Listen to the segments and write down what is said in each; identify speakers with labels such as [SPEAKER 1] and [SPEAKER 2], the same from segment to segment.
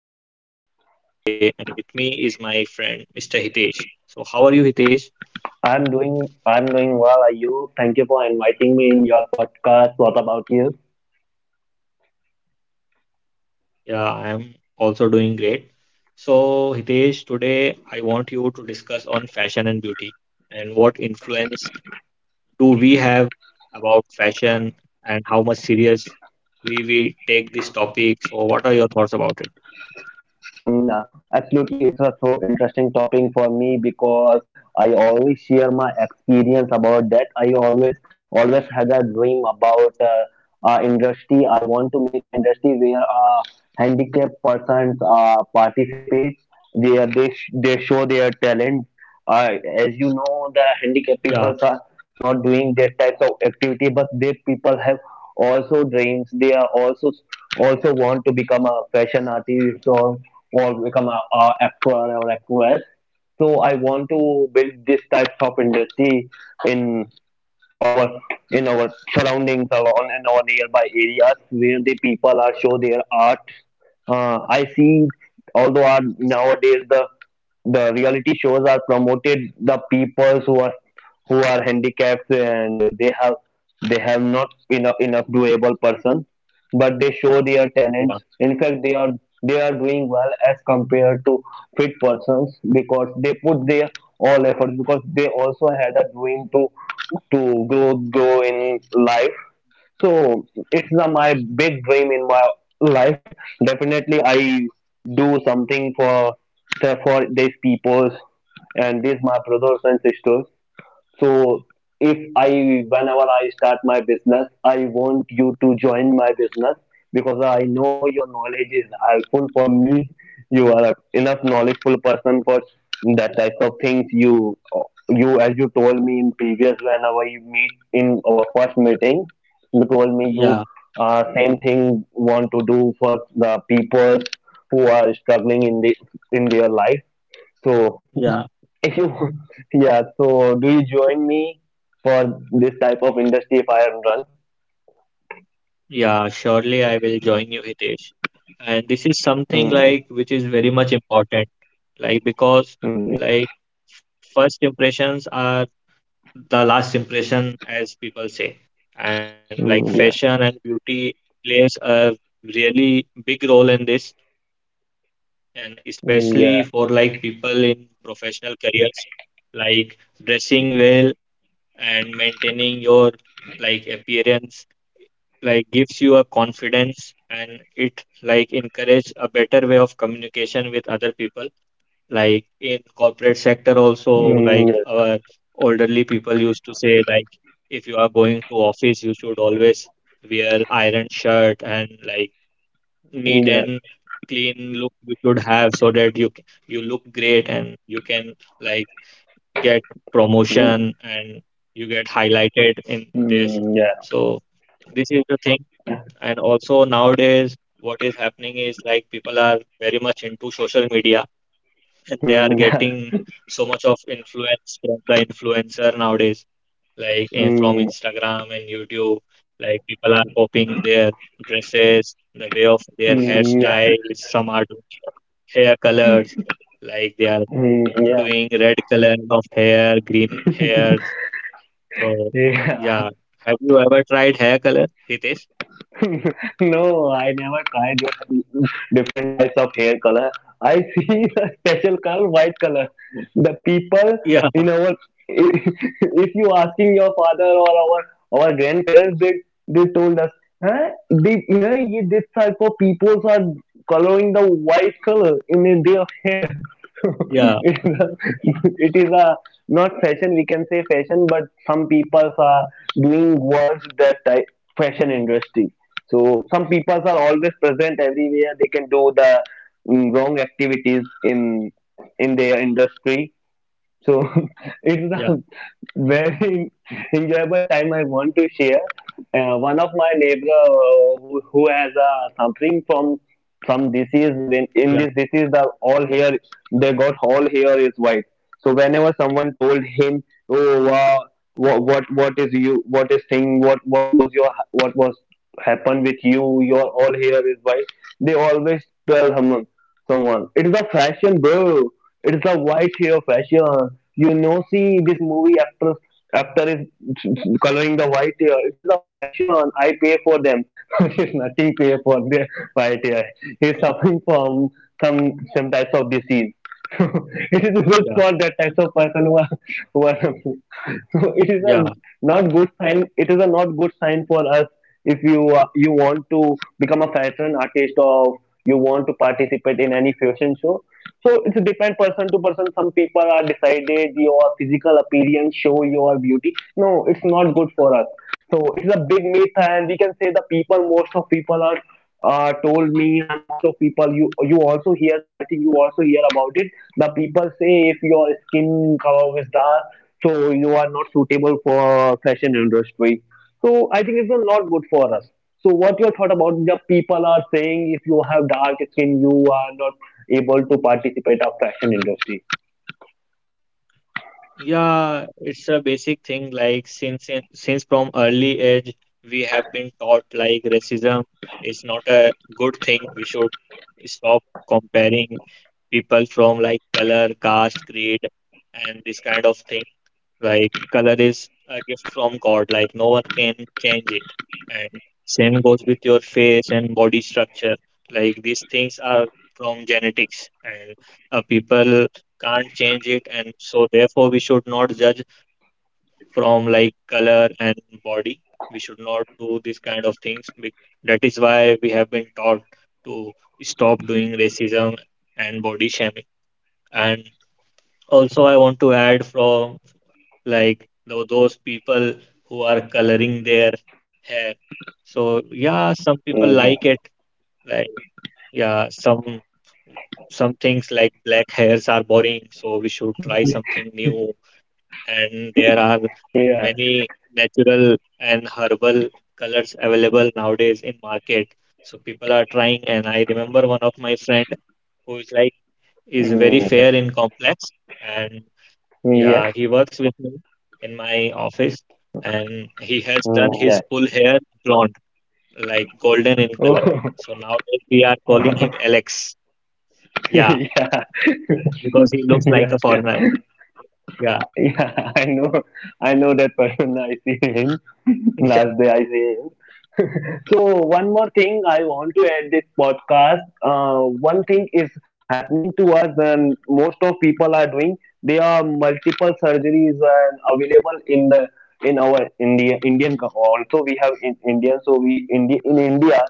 [SPEAKER 1] I am Ayub, your host for today, and with me is my friend Mr. Hitesh. So, how are you, Hitesh?
[SPEAKER 2] I'm doing well. Are you? Thank you for inviting me in your podcast. What about you?
[SPEAKER 1] Yeah, I am also doing great. So, Hitesh, today I want you to discuss on fashion and beauty and what influence do we have about fashion and how much seriously we take this topic. So, what are your thoughts about it?
[SPEAKER 2] Mm, uh, Absolutely, it's a so interesting topic for me because I always share my experience about that. I always had a dream about industry. I want to make an industry where handicapped persons participate, where they show their talent. Uh, as you know, the handicapped people
[SPEAKER 1] Yeah,
[SPEAKER 2] are not doing that types of activity, but they people have also dreams. They are also want to become a fashion artist or become a actor or actress. So I want to build this types of industry in our in our surroundings or on in our nearby areas where the people are show their art. I see, although our, nowadays the reality shows are promoted the people who are handicapped and they have not enough doable person but they show their talents.
[SPEAKER 1] yeah,
[SPEAKER 2] In fact, they are doing well as compared to fit persons because they put their all effort because they also had a dream to grow in life. So it's a, my big dream in my life. Definitely, I do something for these peoples and these my brothers and sisters. So if I, whenever I start my business, I want you to join my business because I know your knowledge is helpful for me. You are a enough knowledgeful person for that type of things. You as you told me in previous whenever you meet in our first meeting, you told me you
[SPEAKER 1] yeah,
[SPEAKER 2] same thing want to do for the people who are struggling in the in their life. So
[SPEAKER 1] yeah.
[SPEAKER 2] if you, yeah, so do you join me for this type of industry fire and run?
[SPEAKER 1] Yeah, surely I will join you, Hitesh. And this is something
[SPEAKER 2] Mm,
[SPEAKER 1] like which is very much important, like because
[SPEAKER 2] mm, yes.
[SPEAKER 1] like first impressions are the last impression, as people say. And like fashion
[SPEAKER 2] Mm,
[SPEAKER 1] and
[SPEAKER 2] yeah.
[SPEAKER 1] beauty plays a really big role in this, and especially for like
[SPEAKER 2] Mm,
[SPEAKER 1] people
[SPEAKER 2] yeah.
[SPEAKER 1] in professional careers, like dressing well and maintaining your like appearance like gives you a confidence, and it like encourage a better way of communication with other people, like in corporate sector also, like
[SPEAKER 2] Mm, yes.
[SPEAKER 1] our elderly people used to say like if you are going to office you should always wear iron shirt and like
[SPEAKER 2] Mm,
[SPEAKER 1] neat
[SPEAKER 2] yeah.
[SPEAKER 1] and clean look you should have, so that you look great and you can like get
[SPEAKER 2] Mm,
[SPEAKER 1] promotion and you get highlighted in this.
[SPEAKER 2] mm, yeah.
[SPEAKER 1] So this is the thing. And also nowadays, what is happening is like people are very much into social media and they are
[SPEAKER 2] Mm, yeah.
[SPEAKER 1] getting so much of influence from the influencer nowadays, like from
[SPEAKER 2] Mm,
[SPEAKER 1] Instagram and YouTube. Like people are copying their dresses, the way of their
[SPEAKER 2] mm, yeah.
[SPEAKER 1] hairstyles. Some are doing hair colors, like they are
[SPEAKER 2] Mm, yeah.
[SPEAKER 1] doing red color of hair, green hair. So
[SPEAKER 2] Yeah.
[SPEAKER 1] yeah, have you ever tried hair color, Hitesh?
[SPEAKER 2] No, I never tried your different types of hair color. I see the special color, white color. The people
[SPEAKER 1] Yeah,
[SPEAKER 2] in our, if you asking your father or our grandparents, they told us, huh? They, huh? Ye, this type of people are coloring the white color in their hair. it
[SPEAKER 1] yeah,
[SPEAKER 2] is a, it is a not fashion. We can say fashion, but some people are doing worse that type fashion industry. So some people are always present everywhere. They can do the wrong activities in their industry so it's
[SPEAKER 1] yeah,
[SPEAKER 2] a very enjoyable time I want to share. One of my neighbor who has suffering from some disease in this disease the all hair they got all hair is white. So whenever someone told him, oh wow, what is you what is thing what was your what was happened with you your all hair is white. They always tell someone it's a fashion bro, it's a white hair fashion. You know, see this movie actress actor is coloring the white hair. It is a fashion. I pay for them. It is nothing pay for the white hair. He's
[SPEAKER 1] yeah.
[SPEAKER 2] suffering from some types of disease. It is good for
[SPEAKER 1] Yeah,
[SPEAKER 2] that types of person who are so it is a
[SPEAKER 1] yeah,
[SPEAKER 2] not good sign, it is a not good sign for us if you you want to become a fashion artist or you want to participate in any fashion show so it's depend person to person, some people are decided your physical appearance show your beauty, no it's not good for us, so it is a big myth, and we can say the people, most of people are told me, and most of people you you also hear. I think you also hear about it. The people say if your skin color is dark, so you are not suitable for fashion industry. So I think it's not good for us. So what your thought about the people are saying if you have dark skin, you are not able to participate of fashion industry?
[SPEAKER 1] yeah. It's a basic thing. Like since from early age we have been taught like racism is not a good thing. We should stop comparing people from like color, caste, creed, and this kind of thing. Like color is a gift from God, like no one can change it. And same goes with your face and body structure. Like these things are from genetics, and people can't change it. And so, therefore, we should not judge from like color and body. We should not do these kind of things. That is why we have been taught to stop doing racism and body shaming. And also, I want to add from like those people who are coloring their hair. So yeah, some people
[SPEAKER 2] Mm,
[SPEAKER 1] like it. Like yeah, some things like black hairs are boring, so we should try something new. And there are
[SPEAKER 2] yeah. Yeah.
[SPEAKER 1] many natural and herbal colors available nowadays in market. So people are trying, and I remember one of my friend who is like is very
[SPEAKER 2] Mm, yeah.
[SPEAKER 1] fair in complex, and
[SPEAKER 2] Mm, yeah.
[SPEAKER 1] yeah, he works with me in my office and he has done
[SPEAKER 2] Mm,
[SPEAKER 1] his
[SPEAKER 2] yeah.
[SPEAKER 1] full hair blonde, like golden in color. So nowadays we are calling
[SPEAKER 2] Oh.
[SPEAKER 1] him Alex. Yeah,
[SPEAKER 2] yeah,
[SPEAKER 1] because he looks
[SPEAKER 2] yeah,
[SPEAKER 1] like a
[SPEAKER 2] yeah,
[SPEAKER 1] foreigner. Yeah.
[SPEAKER 2] yeah. I know that person. I see him last day. I see him. So one more thing I want to add this podcast. One thing is happening to us, and most of people are doing. There are multiple surgeries and available in the in our India Indian also we have in India, so we India in India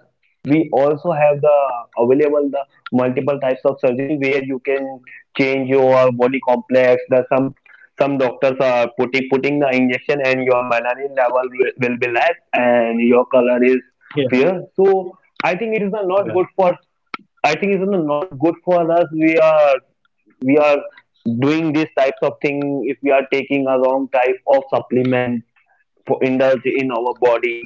[SPEAKER 2] we also have the available the multiple types of surgery where you can change your body complex, the some doctors are putting the injection and your melanin level will be less and your color is
[SPEAKER 1] Yeah.
[SPEAKER 2] fair. So I think it is
[SPEAKER 1] Yeah.
[SPEAKER 2] not good for, I think it is not good for us. We are doing these types of thing if we are taking a wrong type of supplement for indulge in
[SPEAKER 1] Yeah.
[SPEAKER 2] our body,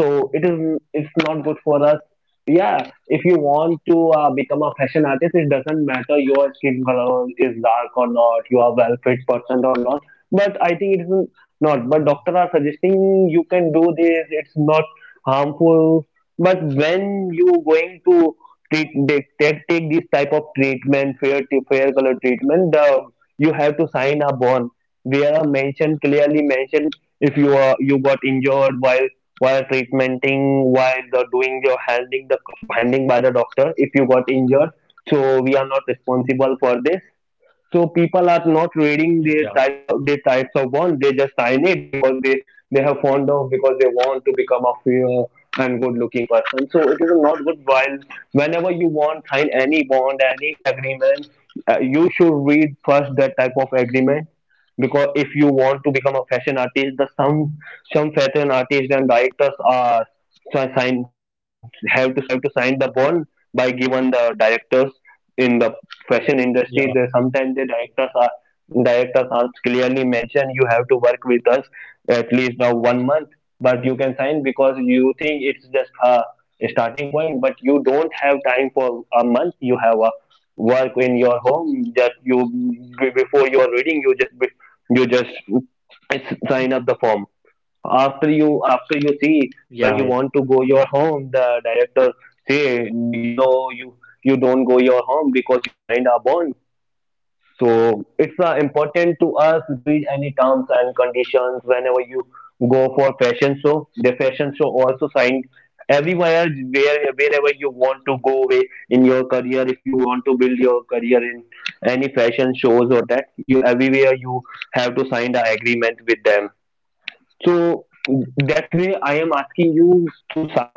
[SPEAKER 2] so it is, it's not good for us. Yeah, if you want to become a fashion artist, it doesn't matter your skin color is dark or not, you are well fit person or not, but I think it is not, but doctor are suggesting you can do this, it's not harmful. But when you going to treat, take this type of treatment, fair color treatment, the you have to sign a bond where mentioned, clearly mentioned if you are you got injured while treatmenting, while the doing your handling, the handling by the doctor, if you got injured, so we are not responsible for this. So people are not
[SPEAKER 1] Yeah.
[SPEAKER 2] reading their types of bond, they just sign it because they have fond of, because they want to become a fair and good looking person. So it is not good. While whenever you want sign any bond, any agreement, you should read first that type of agreement because if you want to become a fashion artist, the some fashion artists and directors are so sign, have to you have to sign the bond by given the directors in the fashion
[SPEAKER 1] Yeah.
[SPEAKER 2] industry. They sometimes the directors are clearly mentioned you have to work with us at least now 1 month, but you can sign because you think it's just a starting point, but you don't have time for a month. You have a work in your home, just you before you are reading, you just sign up the form. After you see
[SPEAKER 1] Yeah. Yeah. Yeah. Yeah.
[SPEAKER 2] when you want to go your home, the director say no, you you don't go your home because you signed a bond. So it's important to us read any terms and conditions whenever you go for fashion show, the fashion show also signed everywhere, wherever you want to go away in your career. If you want to build your career in any fashion shows or that, you everywhere you have to sign the agreement with them. So that way, I am asking you to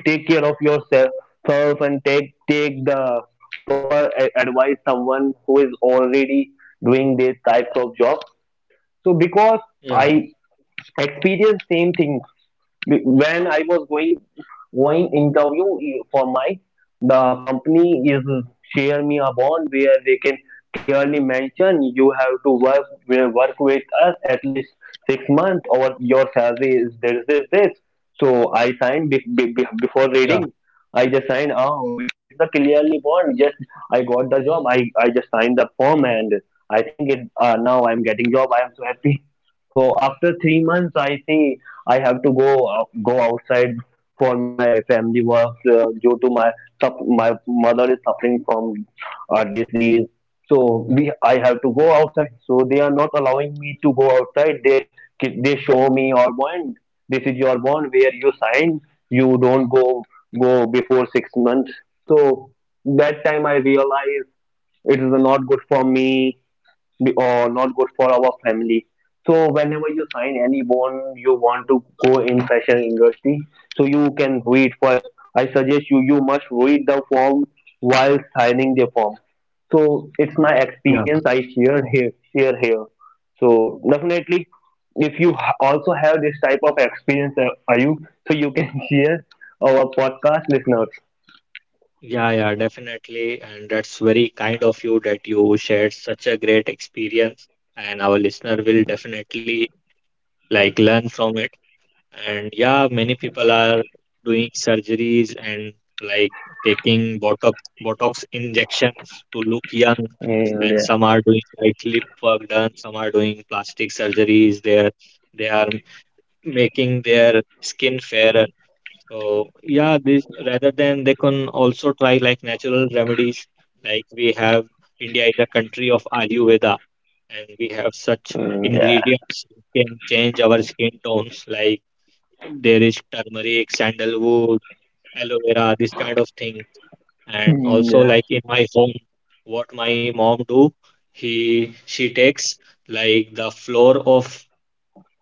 [SPEAKER 2] take care of yourself self and take the proper advice someone who is already doing these types of jobs. So because
[SPEAKER 1] Yeah.
[SPEAKER 2] I experience same thing when I was going interview e, for my the company is share me a bond where they can clearly mention you have to work with us at least 6 months or your salary is this, this, this. So I signed
[SPEAKER 1] Yeah.
[SPEAKER 2] before reading. I just signed. Oh, it, it's a clearly bond. Just I got the job. I just signed the form and I think it. Now I'm getting job. I am so happy. So after 3 months, I think I have to go outside for my family work due to my my mother is suffering from a disease. So we I have to go outside. So they are not allowing me to go outside. They they show me your bond. This is your bond where you sign. You don't go before 6 months. So that time I realized it is not good for me, be- or not good for our family. So whenever you sign any bond you want to go in fashion industry, so you can read first. I suggest you, you must read the form while signing the form. So it's my experience I share here, So definitely, if you also have this type of experience, are you so you can share our podcast listeners.
[SPEAKER 1] Yeah. Yeah, definitely. And that's very kind of you that you shared such a great experience. And our listener will definitely like learn from it. And yeah, many people are doing surgeries and like taking Botox injections to look young.
[SPEAKER 2] Mm,
[SPEAKER 1] And
[SPEAKER 2] yeah.
[SPEAKER 1] some are doing like lip work done, some are doing plastic surgeries. They are making their skin fairer. So yeah, this, rather than, they can also try like natural remedies. Like we have, India is a country of Ayurveda, and we have such
[SPEAKER 2] Mm, yeah.
[SPEAKER 1] ingredients that can change our skin tones, like there is turmeric, sandalwood, aloe vera, this kind of thing. And
[SPEAKER 2] Mm,
[SPEAKER 1] also
[SPEAKER 2] yeah.
[SPEAKER 1] like in my home, what my mom do, he she takes like the flour of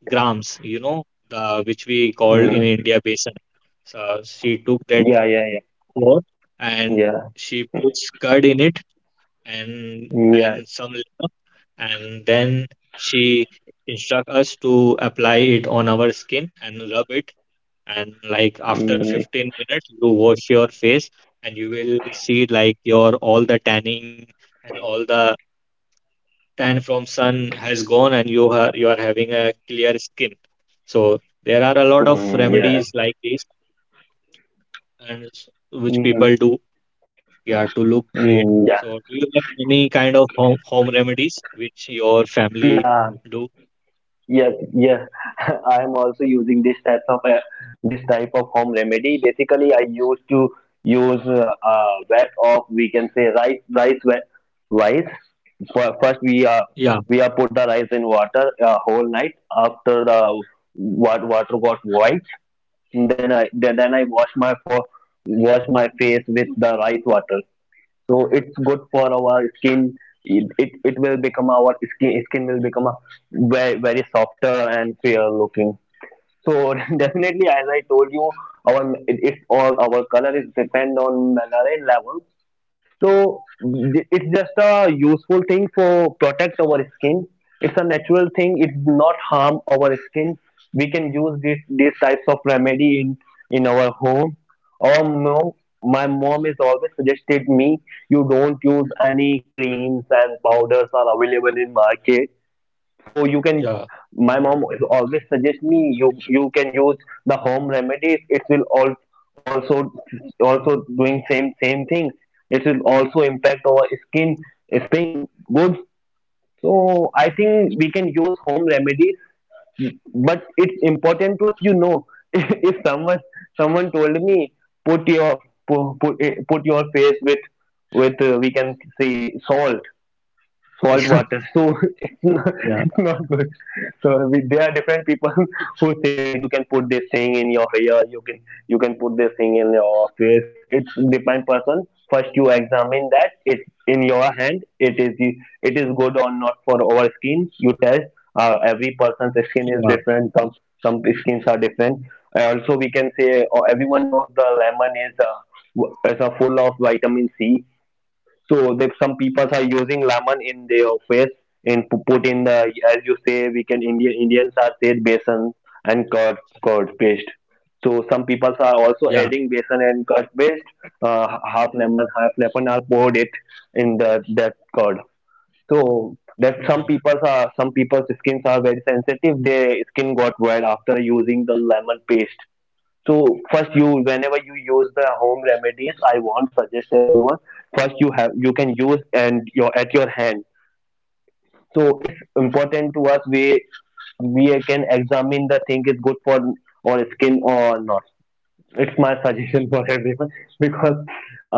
[SPEAKER 1] grams, the which we call in
[SPEAKER 2] Mm,
[SPEAKER 1] India besan. So she took that
[SPEAKER 2] yeah. Yeah. Yeah.
[SPEAKER 1] flour and
[SPEAKER 2] Yeah.
[SPEAKER 1] she puts curd in it, and
[SPEAKER 2] Yeah.
[SPEAKER 1] and some lemon, and then she instruct us to apply it on our skin and rub it, and like after
[SPEAKER 2] Mm,
[SPEAKER 1] 15 minutes you wash your face and you will see like your all the tanning and all the tan from sun has gone and you are having a clear skin. So there are a lot of
[SPEAKER 2] mm, yeah.
[SPEAKER 1] remedies like this, and which
[SPEAKER 2] Mm,
[SPEAKER 1] people do, yeah, to look great.
[SPEAKER 2] mm, yeah.
[SPEAKER 1] So do you have any kind of home remedies which your family
[SPEAKER 2] Yeah.
[SPEAKER 1] do?
[SPEAKER 2] Yeah. Yeah. I am also using this type of home remedy. Basically, I used to use wet of, we can say, rice wet rice.
[SPEAKER 1] Yeah,
[SPEAKER 2] First, we are put the rice in water whole night. After the, what, water got white, then I wash my for wash my face with the rice water. So it's good for our skin. It will become our skin will become a very, very softer and fair looking. So, definitely, as I told you, our, it's all our color is depend on melanin level. So it's just a useful thing for protect our skin. It's a natural thing. It's not harm our skin. We can use this these types of remedy in our home. Or mom, my mom is always suggested me, you don't use any creams and powders are available in market, so you can
[SPEAKER 1] yeah.
[SPEAKER 2] my mom is always suggest me, you can use the home remedies. It will all also doing same things. It will also impact our skin staying good. So I think we can use home remedies, but it's important to us. If someone told me, put your put your face with we can say salt water.
[SPEAKER 1] Yeah,
[SPEAKER 2] So, it's
[SPEAKER 1] yeah,
[SPEAKER 2] not good. So we, there are different people who say you can put this thing in your hair, you can put this thing in your face. It's depend person. First you examine that it's in your hand. It is good or not for our skin. You test. Every person's skin is
[SPEAKER 1] yeah,
[SPEAKER 2] different. Some skins are different. And also we can say, or everyone knows, the lemon is full of vitamin C, so that some people are using lemon in their face, and put in the, as you say, we can Indians are said besan and curd paste. So some people are also
[SPEAKER 1] yeah,
[SPEAKER 2] adding besan and curd paste. Half lemon, are poured it in the, that curd. So that
[SPEAKER 1] yeah,
[SPEAKER 2] some people's skins are very sensitive. Their skin got red after using the lemon paste. So first you whenever you use the home remedies, I want suggest everyone, first you have you can use and your at your hand. So it's important to us, we can examine the thing is good for our skin or not. It's my suggestion for everyone, because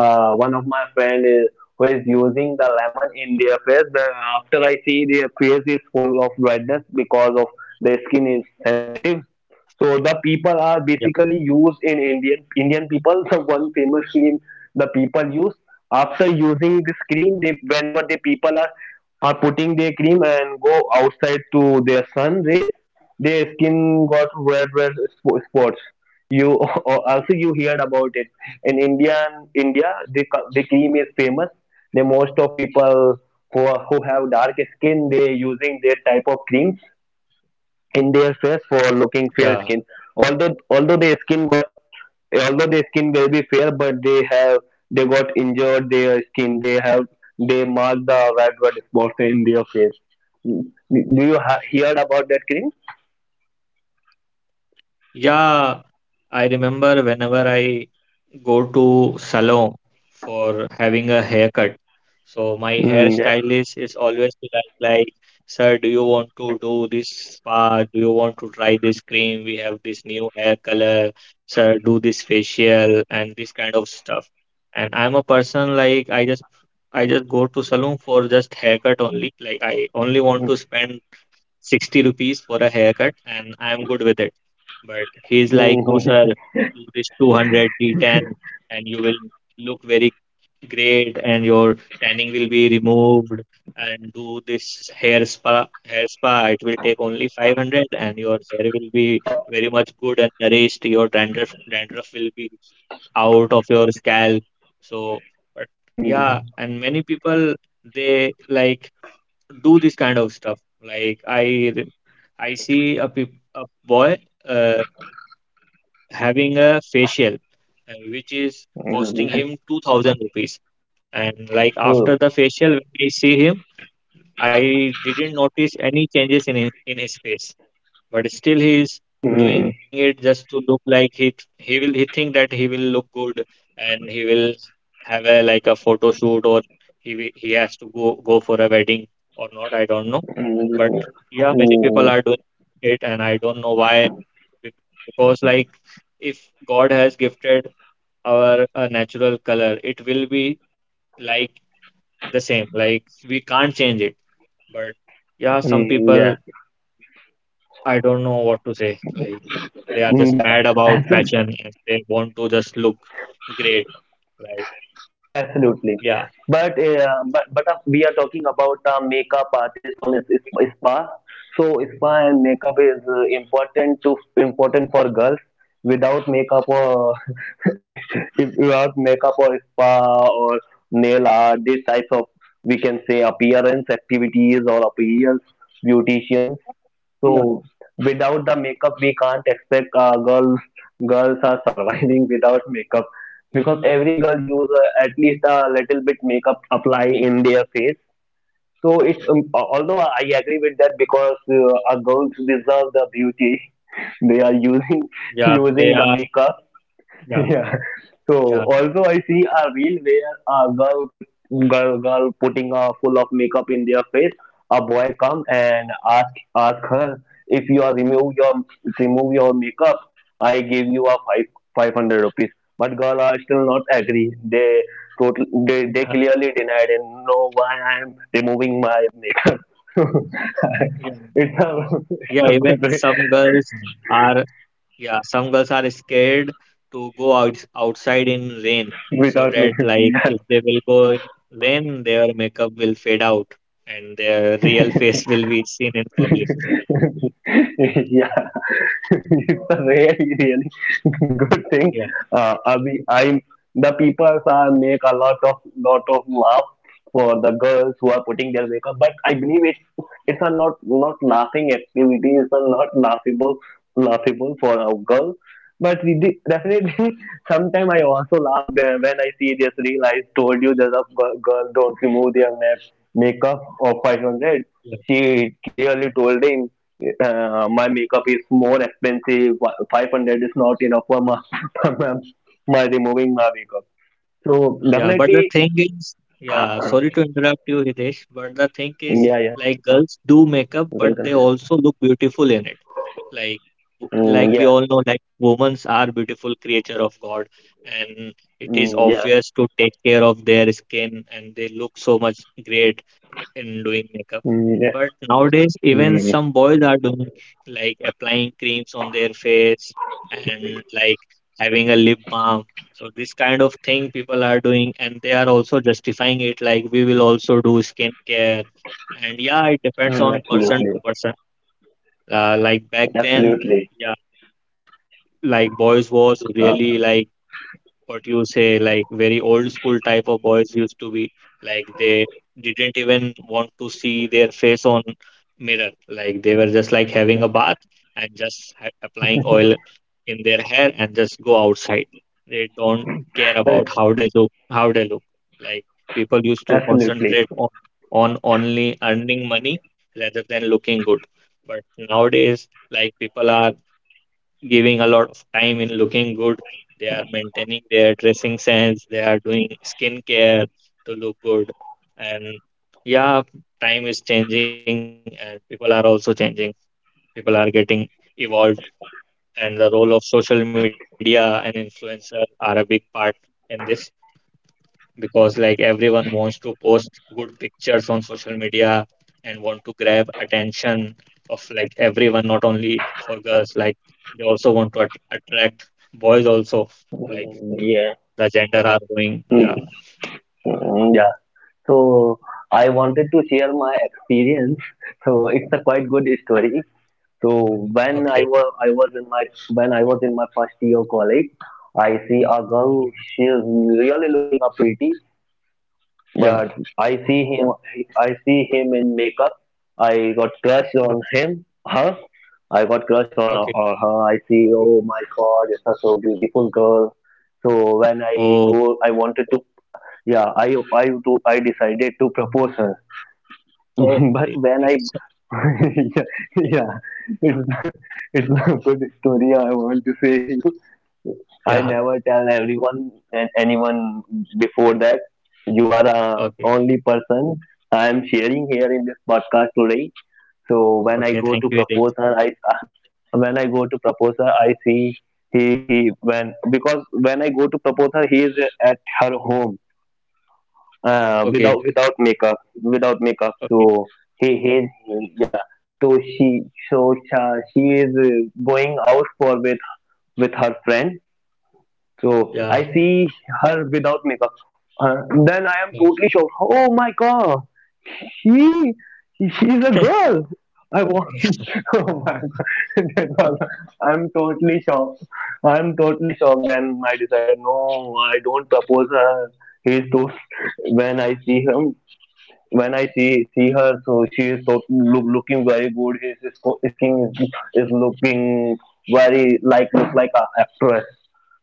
[SPEAKER 2] one of my friend is who is using the lemon in their face. The, after I see their face is full of redness because of their skin is sensitive. So the people are basically used in Indian people. The one famous cream the people use, after using this cream, they, whenever the people are putting their cream and go outside to their sun rays, their skin got red spots. You, also you heard about it. In india, the, the cream is famous. The most of people who, are, who have dark skin, they using their type of creams in their face for looking
[SPEAKER 1] yeah.
[SPEAKER 2] fair skin, although although the skin got although the skin may be fair, but they have, they got injured their skin, they have, they mark the red blood spots in their face. Mm. Do you heard about that cream?
[SPEAKER 1] Yeah, I remember whenever I go to salon for having a haircut. So my
[SPEAKER 2] Mm, yeah.
[SPEAKER 1] hairstylist is always like, sir, do you want to do this spa? Do you want to try this cream? We have this new hair color. Sir, do this facial and this kind of stuff. And I'm a person like I just go to salon for just haircut only. Like I only want to spend 60 rupees for a haircut and I'm good with it. But he's
[SPEAKER 2] Mm,
[SPEAKER 1] like, no, sir,
[SPEAKER 2] mm.
[SPEAKER 1] do this 200, 310, and you will look very great and your tanning will be removed. And do this hair spa, it will take only 500 and your hair will be very much good and nourished. Your dandruff will be out of your scalp. So, but
[SPEAKER 2] Mm,
[SPEAKER 1] yeah, and many people they like do this kind of stuff. Like re- I see a boy uh, having a facial, which is costing
[SPEAKER 2] mm.
[SPEAKER 1] him 2000 rupees. And like after
[SPEAKER 2] Oh,
[SPEAKER 1] the facial, when I see him, I didn't notice any changes in his face, but still he is
[SPEAKER 2] mm,
[SPEAKER 1] doing it just to look like he will he think that he will look good and he will have a like a photo shoot, or he has to go for a wedding or not I don't know. But
[SPEAKER 2] mm,
[SPEAKER 1] yeah, many people
[SPEAKER 2] mm,
[SPEAKER 1] are doing it and I don't know why. Be- because like if God has gifted our a natural color it will be like the same, like we can't change it, but yeah, some
[SPEAKER 2] mm, yeah,
[SPEAKER 1] people, I don't know what to say. Like they are
[SPEAKER 2] mm,
[SPEAKER 1] just
[SPEAKER 2] yeah.
[SPEAKER 1] mad about
[SPEAKER 2] Absol-
[SPEAKER 1] fashion and they want to just look great. Like
[SPEAKER 2] Absolutely.
[SPEAKER 1] yeah.
[SPEAKER 2] But we are talking about makeup artist on a spa. So spa and makeup is important for girls. Without makeup or, if without makeup or spa or nail art, these types of, we can say, appearance activities or appearance beauticians.
[SPEAKER 1] Yeah.
[SPEAKER 2] So without the makeup, we can't expect girls are surviving without makeup, because every girl use at least a little bit makeup apply in their face. So it's although I agree with that, because a girls deserve the beauty, they are using
[SPEAKER 1] Yeah, they are.
[SPEAKER 2] using the makeup.
[SPEAKER 1] Yeah,
[SPEAKER 2] Yeah.
[SPEAKER 1] yeah.
[SPEAKER 2] So also I see a reel where a girl put girl putting a full of makeup in their face. A boy come and ask her, if you are remove your makeup, I give you a five hundred rupees. But girl are still not agree. They clearly denied and, no, why I am removing my makeup.
[SPEAKER 1] Yeah.
[SPEAKER 2] it's a it's
[SPEAKER 1] Yeah,
[SPEAKER 2] a good
[SPEAKER 1] even
[SPEAKER 2] way
[SPEAKER 1] some girls are, yeah, some girls are scared to go outside in rain, so
[SPEAKER 2] without
[SPEAKER 1] that like
[SPEAKER 2] makeup.
[SPEAKER 1] if they will go in rain, their makeup will fade out and their real face will be seen in
[SPEAKER 2] Yeah,
[SPEAKER 1] public.
[SPEAKER 2] it's a really, really good thing.
[SPEAKER 1] Yeah,
[SPEAKER 2] Abhi, I'm the people are make a lot of laugh for the girls who are putting their makeup, but I believe it's a not laughing activity. It's a not laughable for a girl. But we definitely, sometime I also laugh there when I see this reel. I told you that a girl don't remove their makeup of 500.
[SPEAKER 1] yeah.
[SPEAKER 2] She clearly told him, my makeup is more expensive. 500 is not enough for my, my removing my makeup. So
[SPEAKER 1] Yeah, but the
[SPEAKER 2] definitely,
[SPEAKER 1] thing is, yeah,
[SPEAKER 2] uh,
[SPEAKER 1] sorry to interrupt you, Hitesh, but the thing is,
[SPEAKER 2] yeah, yeah.
[SPEAKER 1] like girls do makeup,
[SPEAKER 2] You can
[SPEAKER 1] but they
[SPEAKER 2] continue.
[SPEAKER 1] also look beautiful in it. Like, like
[SPEAKER 2] Mm,
[SPEAKER 1] we
[SPEAKER 2] yeah.
[SPEAKER 1] all know, like women are beautiful creature of God, and it is
[SPEAKER 2] Mm, yeah.
[SPEAKER 1] obvious to take care of their skin, and they look so much great in doing makeup.
[SPEAKER 2] Mm, yes.
[SPEAKER 1] But nowadays, even
[SPEAKER 2] Mm,
[SPEAKER 1] some boys are doing like applying creams on their face and like having a lip balm. So this kind of thing people are doing, and they are also justifying it like we will also do skincare. And yeah, it depends
[SPEAKER 2] mm,
[SPEAKER 1] on person
[SPEAKER 2] absolutely,
[SPEAKER 1] to person. Like back then,
[SPEAKER 2] absolutely.
[SPEAKER 1] yeah, like boys was really like what you say, like very old school type of boys used to be, like they didn't even want to see their face on mirror. Like they were just like having a bath and just applying oil in their hair and just go outside. They don't care
[SPEAKER 2] Uh,
[SPEAKER 1] about how they look. Like people used to
[SPEAKER 2] Absolutely.
[SPEAKER 1] concentrate on only earning money rather than looking good. But nowadays, like people are giving a lot of time in looking good. They are maintaining their dressing sense. They are doing skincare to look good. And yeah, time is changing and people are also changing. People are getting evolved, and the role of social media and influencer are a big part in this, because like everyone wants to post good pictures on social media and want to grab attention of like everyone, not only for girls, like they also want to at attract boys also, like
[SPEAKER 2] Mm, yeah.
[SPEAKER 1] the gender are going.
[SPEAKER 2] Mm,
[SPEAKER 1] Yeah.
[SPEAKER 2] mm, yeah. So I wanted to share my experience. So it's a quite good story. So when I was
[SPEAKER 1] Okay.
[SPEAKER 2] I was in my when I was in my first year of college, I see a girl. She is really looking up pretty, but
[SPEAKER 1] Yeah.
[SPEAKER 2] I see him in makeup. I got crush on
[SPEAKER 1] Yeah,
[SPEAKER 2] him, her. I got crush on or
[SPEAKER 1] okay.
[SPEAKER 2] her. I see, oh my God, it's are such a beautiful girl. So when I go,
[SPEAKER 1] Oh.
[SPEAKER 2] I wanted to, yeah, I decided to propose her. But
[SPEAKER 1] Oh,
[SPEAKER 2] when I, yeah, yeah,
[SPEAKER 1] yeah.
[SPEAKER 2] it's a good story. I want to say. I
[SPEAKER 1] Yeah,
[SPEAKER 2] never tell everyone and anyone before that. You are a
[SPEAKER 1] okay.
[SPEAKER 2] only person I am sharing here in this podcast today. So when I go to
[SPEAKER 1] Okay, thank you,
[SPEAKER 2] propose her,
[SPEAKER 1] Hitesh.
[SPEAKER 2] I, when I go to propose her, I see he when because when I go to propose her, he is at her home, without
[SPEAKER 1] Okay.
[SPEAKER 2] without makeup without makeup. So
[SPEAKER 1] Okay.
[SPEAKER 2] he yeah. So she, she is going out for with her friend, so I
[SPEAKER 1] Yeah.
[SPEAKER 2] see her without makeup. Then I am totally
[SPEAKER 1] Yeah.
[SPEAKER 2] shocked. Oh my God, she she's a girl. I was, oh my God, that was, I'm totally shocked. I'm totally shocked. Then I decided, no, I don't propose her. He's too. When I see him, when I see her, so she is so, looking very good. His skin is looking very, look like a actress.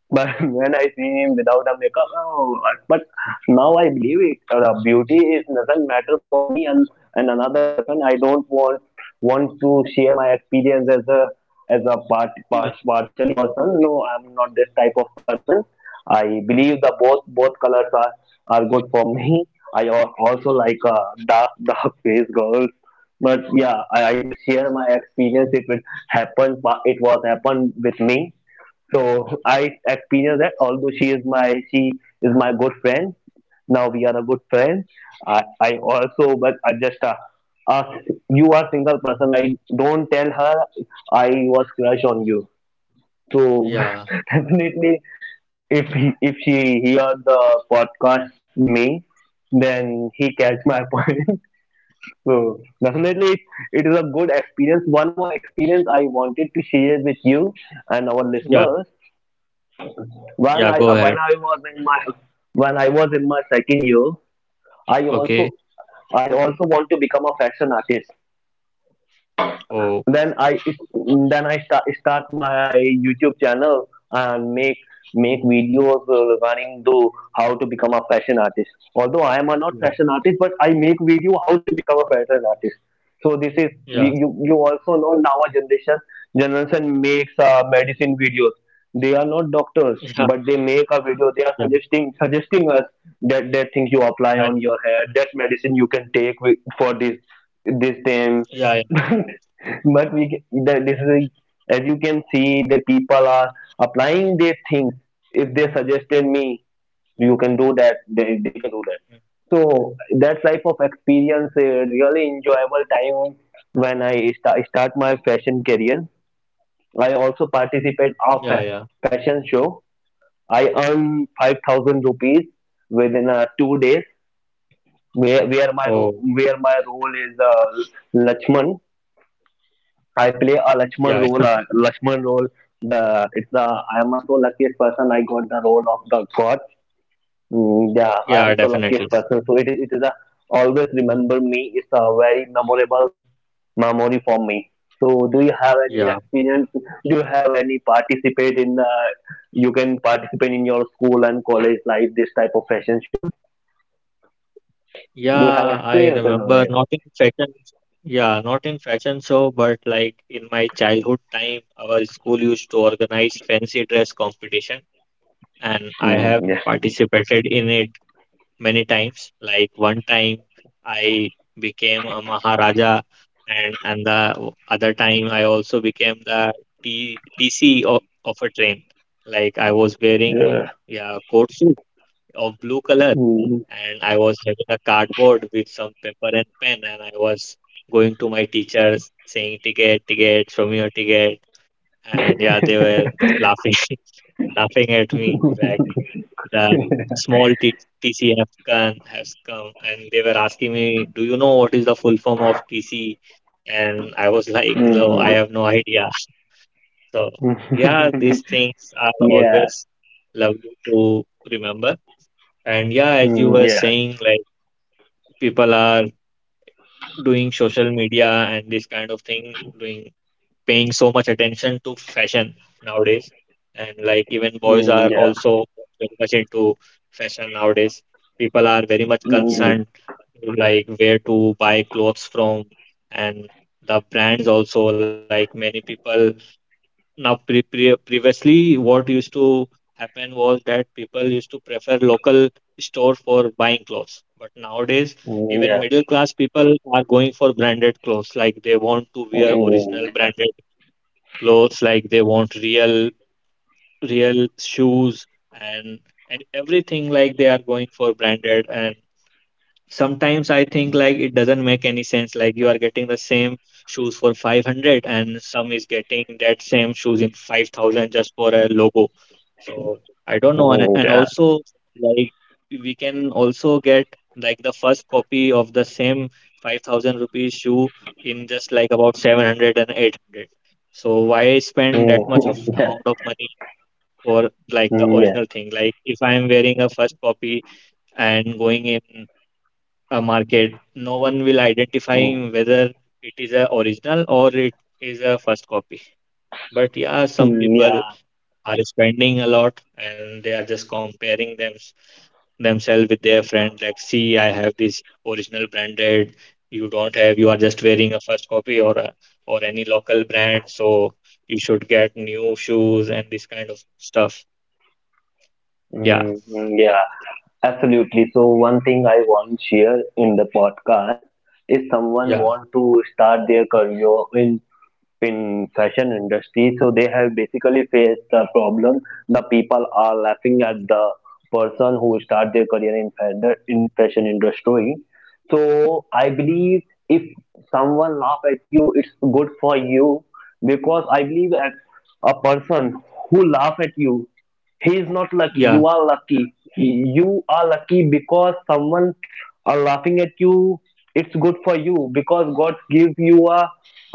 [SPEAKER 2] But, when I see him without a makeup, oh, but now I believe it. The beauty is doesn't matter for me, and another person. I don't want to share my experience as a,
[SPEAKER 1] Yeah, yeah,
[SPEAKER 2] partially person. No, I'm not this type of person. I believe the both colors are good for me. I also like dark dark face girls. But yeah, I just share my experience. If it happened, it was happened with me, so I experienced that, although she is my good friend. Now we are a good friend. I also but I just uh, you are single person. I don't tell her I was crush on you. So, definitely, if she hear the podcast me, then he catch my point. So definitely, it is a good experience. One more experience I wanted to share with you and our listeners,
[SPEAKER 1] yeah,
[SPEAKER 2] when I uh, when
[SPEAKER 1] yeah,
[SPEAKER 2] I
[SPEAKER 1] go
[SPEAKER 2] was
[SPEAKER 1] ahead.
[SPEAKER 2] in my when I was in my second year. I also
[SPEAKER 1] Okay.
[SPEAKER 2] I also want to become a fashion artist.
[SPEAKER 1] Oh.
[SPEAKER 2] then I then I start my YouTube channel and make videos, regarding to how to become a fashion artist. Although I am a not fashion
[SPEAKER 1] Yeah.
[SPEAKER 2] artist, but I make video how to become a fashion artist. So this is,
[SPEAKER 1] Yeah.
[SPEAKER 2] you also know now, our generation makes medicine videos. They are not doctors, but they make a video. They are
[SPEAKER 1] Yeah, yeah,
[SPEAKER 2] suggesting us that, that thing you apply on
[SPEAKER 1] yeah,
[SPEAKER 2] your hair, that medicine you can take with, for this thing.
[SPEAKER 1] yeah,
[SPEAKER 2] But the, this is a, as you can see, the people are applying their things. If they suggested me, you can do that.
[SPEAKER 1] yeah,
[SPEAKER 2] They can do that. So that type of experience, a really enjoyable time when I start my fashion career. I also
[SPEAKER 1] yeah, yeah.
[SPEAKER 2] participate of a fashion show. I earn 5,000 rupees within 2 days. Where
[SPEAKER 1] Oh,
[SPEAKER 2] where my ro- where my role is Lachman. I play a
[SPEAKER 1] yeah.
[SPEAKER 2] Lakshman role. The it's the I am so luckiest person. I got the role of the God. Mm, yeah, I
[SPEAKER 1] Yeah,
[SPEAKER 2] am so
[SPEAKER 1] definitely.
[SPEAKER 2] luckiest person. So it is a always remember me. It's a very memorable memory for me. So do you have
[SPEAKER 1] Yeah,
[SPEAKER 2] any experience? Do you have any participate in the? You can participate in your school and college life. This type of fashion shows. You have
[SPEAKER 1] yeah, I
[SPEAKER 2] experience? Over
[SPEAKER 1] remember
[SPEAKER 2] here.
[SPEAKER 1] not in fashion, yeah, not in fashion show, but like in my childhood time, our school used to organize fancy dress competition, and I
[SPEAKER 2] Mm,
[SPEAKER 1] have
[SPEAKER 2] yes.
[SPEAKER 1] participated in it many times. Like one time I became a Maharaja, and the other time I also became the TC of a train. Like I was wearing,
[SPEAKER 2] Yeah.
[SPEAKER 1] yeah, coat suit of blue color,
[SPEAKER 2] Mm.
[SPEAKER 1] and I was having a cardboard with some paper and pen, and I was going to my teachers saying, ticket, ticket, show me your ticket, and yeah, they were just laughing laughing at me like the small TCF can has come, and they were asking me, "Do you know what is the full form of TC?" And I was like, "No, I
[SPEAKER 2] Mm.
[SPEAKER 1] have no idea." So yeah, these things are
[SPEAKER 2] Yeah.
[SPEAKER 1] always lovely to remember. And yeah, as you
[SPEAKER 2] Mm,
[SPEAKER 1] were
[SPEAKER 2] yeah.
[SPEAKER 1] saying, like people are doing social media and this kind of thing, doing, paying so much attention to fashion nowadays, and like even boys are
[SPEAKER 2] Mm, yeah.
[SPEAKER 1] also very much into fashion nowadays. People are very much
[SPEAKER 2] Mm,
[SPEAKER 1] concerned to, like, where to buy clothes from, and the brands also, like many people now, previously what used to happen was that people used to prefer local store for buying clothes, but nowadays
[SPEAKER 2] mm,
[SPEAKER 1] even
[SPEAKER 2] yeah.
[SPEAKER 1] middle class people are going for branded clothes, like they want to wear original
[SPEAKER 2] Mm, yeah.
[SPEAKER 1] branded clothes, like they want real shoes and and everything, like they are going for branded. And sometimes I think like it doesn't make any sense. Like you are getting the same shoes for 500 and some is getting that same shoes in 5000 just for a logo. So I don't know. And,
[SPEAKER 2] Mm,
[SPEAKER 1] and
[SPEAKER 2] yeah.
[SPEAKER 1] also, like we can also get like the first copy of the same 5000 rupees shoe in just like about 700 and 800. So why spend that
[SPEAKER 2] Mm,
[SPEAKER 1] much of
[SPEAKER 2] yeah.
[SPEAKER 1] amount of money for like the
[SPEAKER 2] Mm, yeah.
[SPEAKER 1] original thing? Like if I'm wearing a first copy and going in a market, no one will
[SPEAKER 2] Mm,
[SPEAKER 1] identifying whether it is a original or it is a first copy. But yeah, some
[SPEAKER 2] mm,
[SPEAKER 1] people
[SPEAKER 2] yeah.
[SPEAKER 1] are spending a lot and they are just comparing themselves with their friend. Like, see, I have this original branded. You don't have. You are just wearing a first copy, or or any local brand. So you should get new shoes and this kind of stuff. Yeah,
[SPEAKER 2] Mm, mm, yeah. Absolutely. So one thing I want to share in the podcast is, someone
[SPEAKER 1] yeah,
[SPEAKER 2] want to start their career in fashion industry, so they have basically faced the problem. The people are laughing at the person who start their career in in fashion industry. So I believe, if someone laugh at you, it's good for you, because I believe that a person who laugh at you, he is not lucky. You
[SPEAKER 1] yeah,
[SPEAKER 2] are lucky, because someone are laughing at you. It's good for you because God gives you a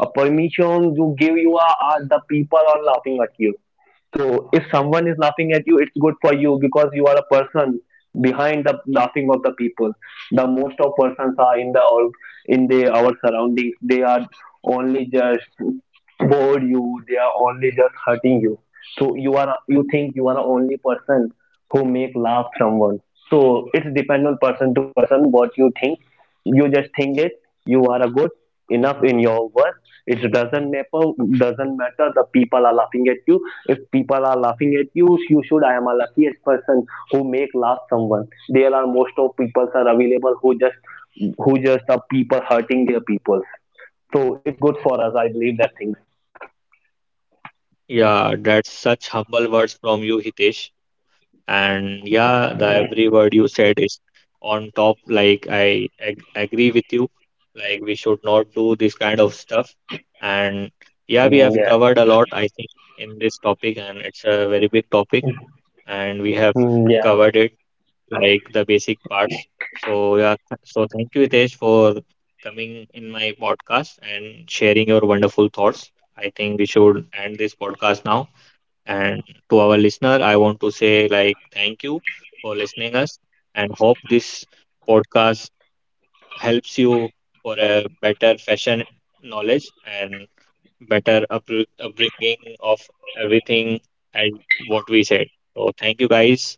[SPEAKER 2] permission. You are the people are laughing at you. So if someone is laughing at you, it's good for you, because you are a person behind the laughing of the people. The most of persons are in the our surroundings, they are only just bored you, they are only just hurting you. So you think you are the only person who make laugh someone. So it's depend on person to person what you think. You just think it, you are a good enough in your work, it doesn't matter the people are laughing at you. If people are laughing at you, you should, I am a luckiest person who make laugh someone. There are most of people are available who just, are people hurting their people. So it's good for us, I believe that thing.
[SPEAKER 1] yeah. That's such humble words from you, Hitesh. And yeah, the every word you said is on top. Like I ag agree with you. Like we should not do this kind of stuff. And yeah, we
[SPEAKER 2] Mm,
[SPEAKER 1] have
[SPEAKER 2] yeah.
[SPEAKER 1] covered a lot, I think, in this topic, and it's a very big topic, and we have
[SPEAKER 2] Mm, yeah.
[SPEAKER 1] covered it like the basic parts. So yeah, so thank you, Hitesh, for coming in my podcast and sharing your wonderful thoughts. I think we should end this podcast now. And to our listener, I want to say like thank you for listening us, and hope this podcast helps you for a better fashion knowledge and better upbringing of everything and what we said. So thank you guys.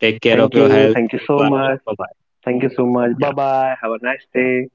[SPEAKER 1] Take care of your health.
[SPEAKER 2] Thank you so
[SPEAKER 1] Goodbye.
[SPEAKER 2] much.
[SPEAKER 1] Bye bye.
[SPEAKER 2] Thank you so much. Bye
[SPEAKER 1] Yeah.
[SPEAKER 2] bye, have a nice day.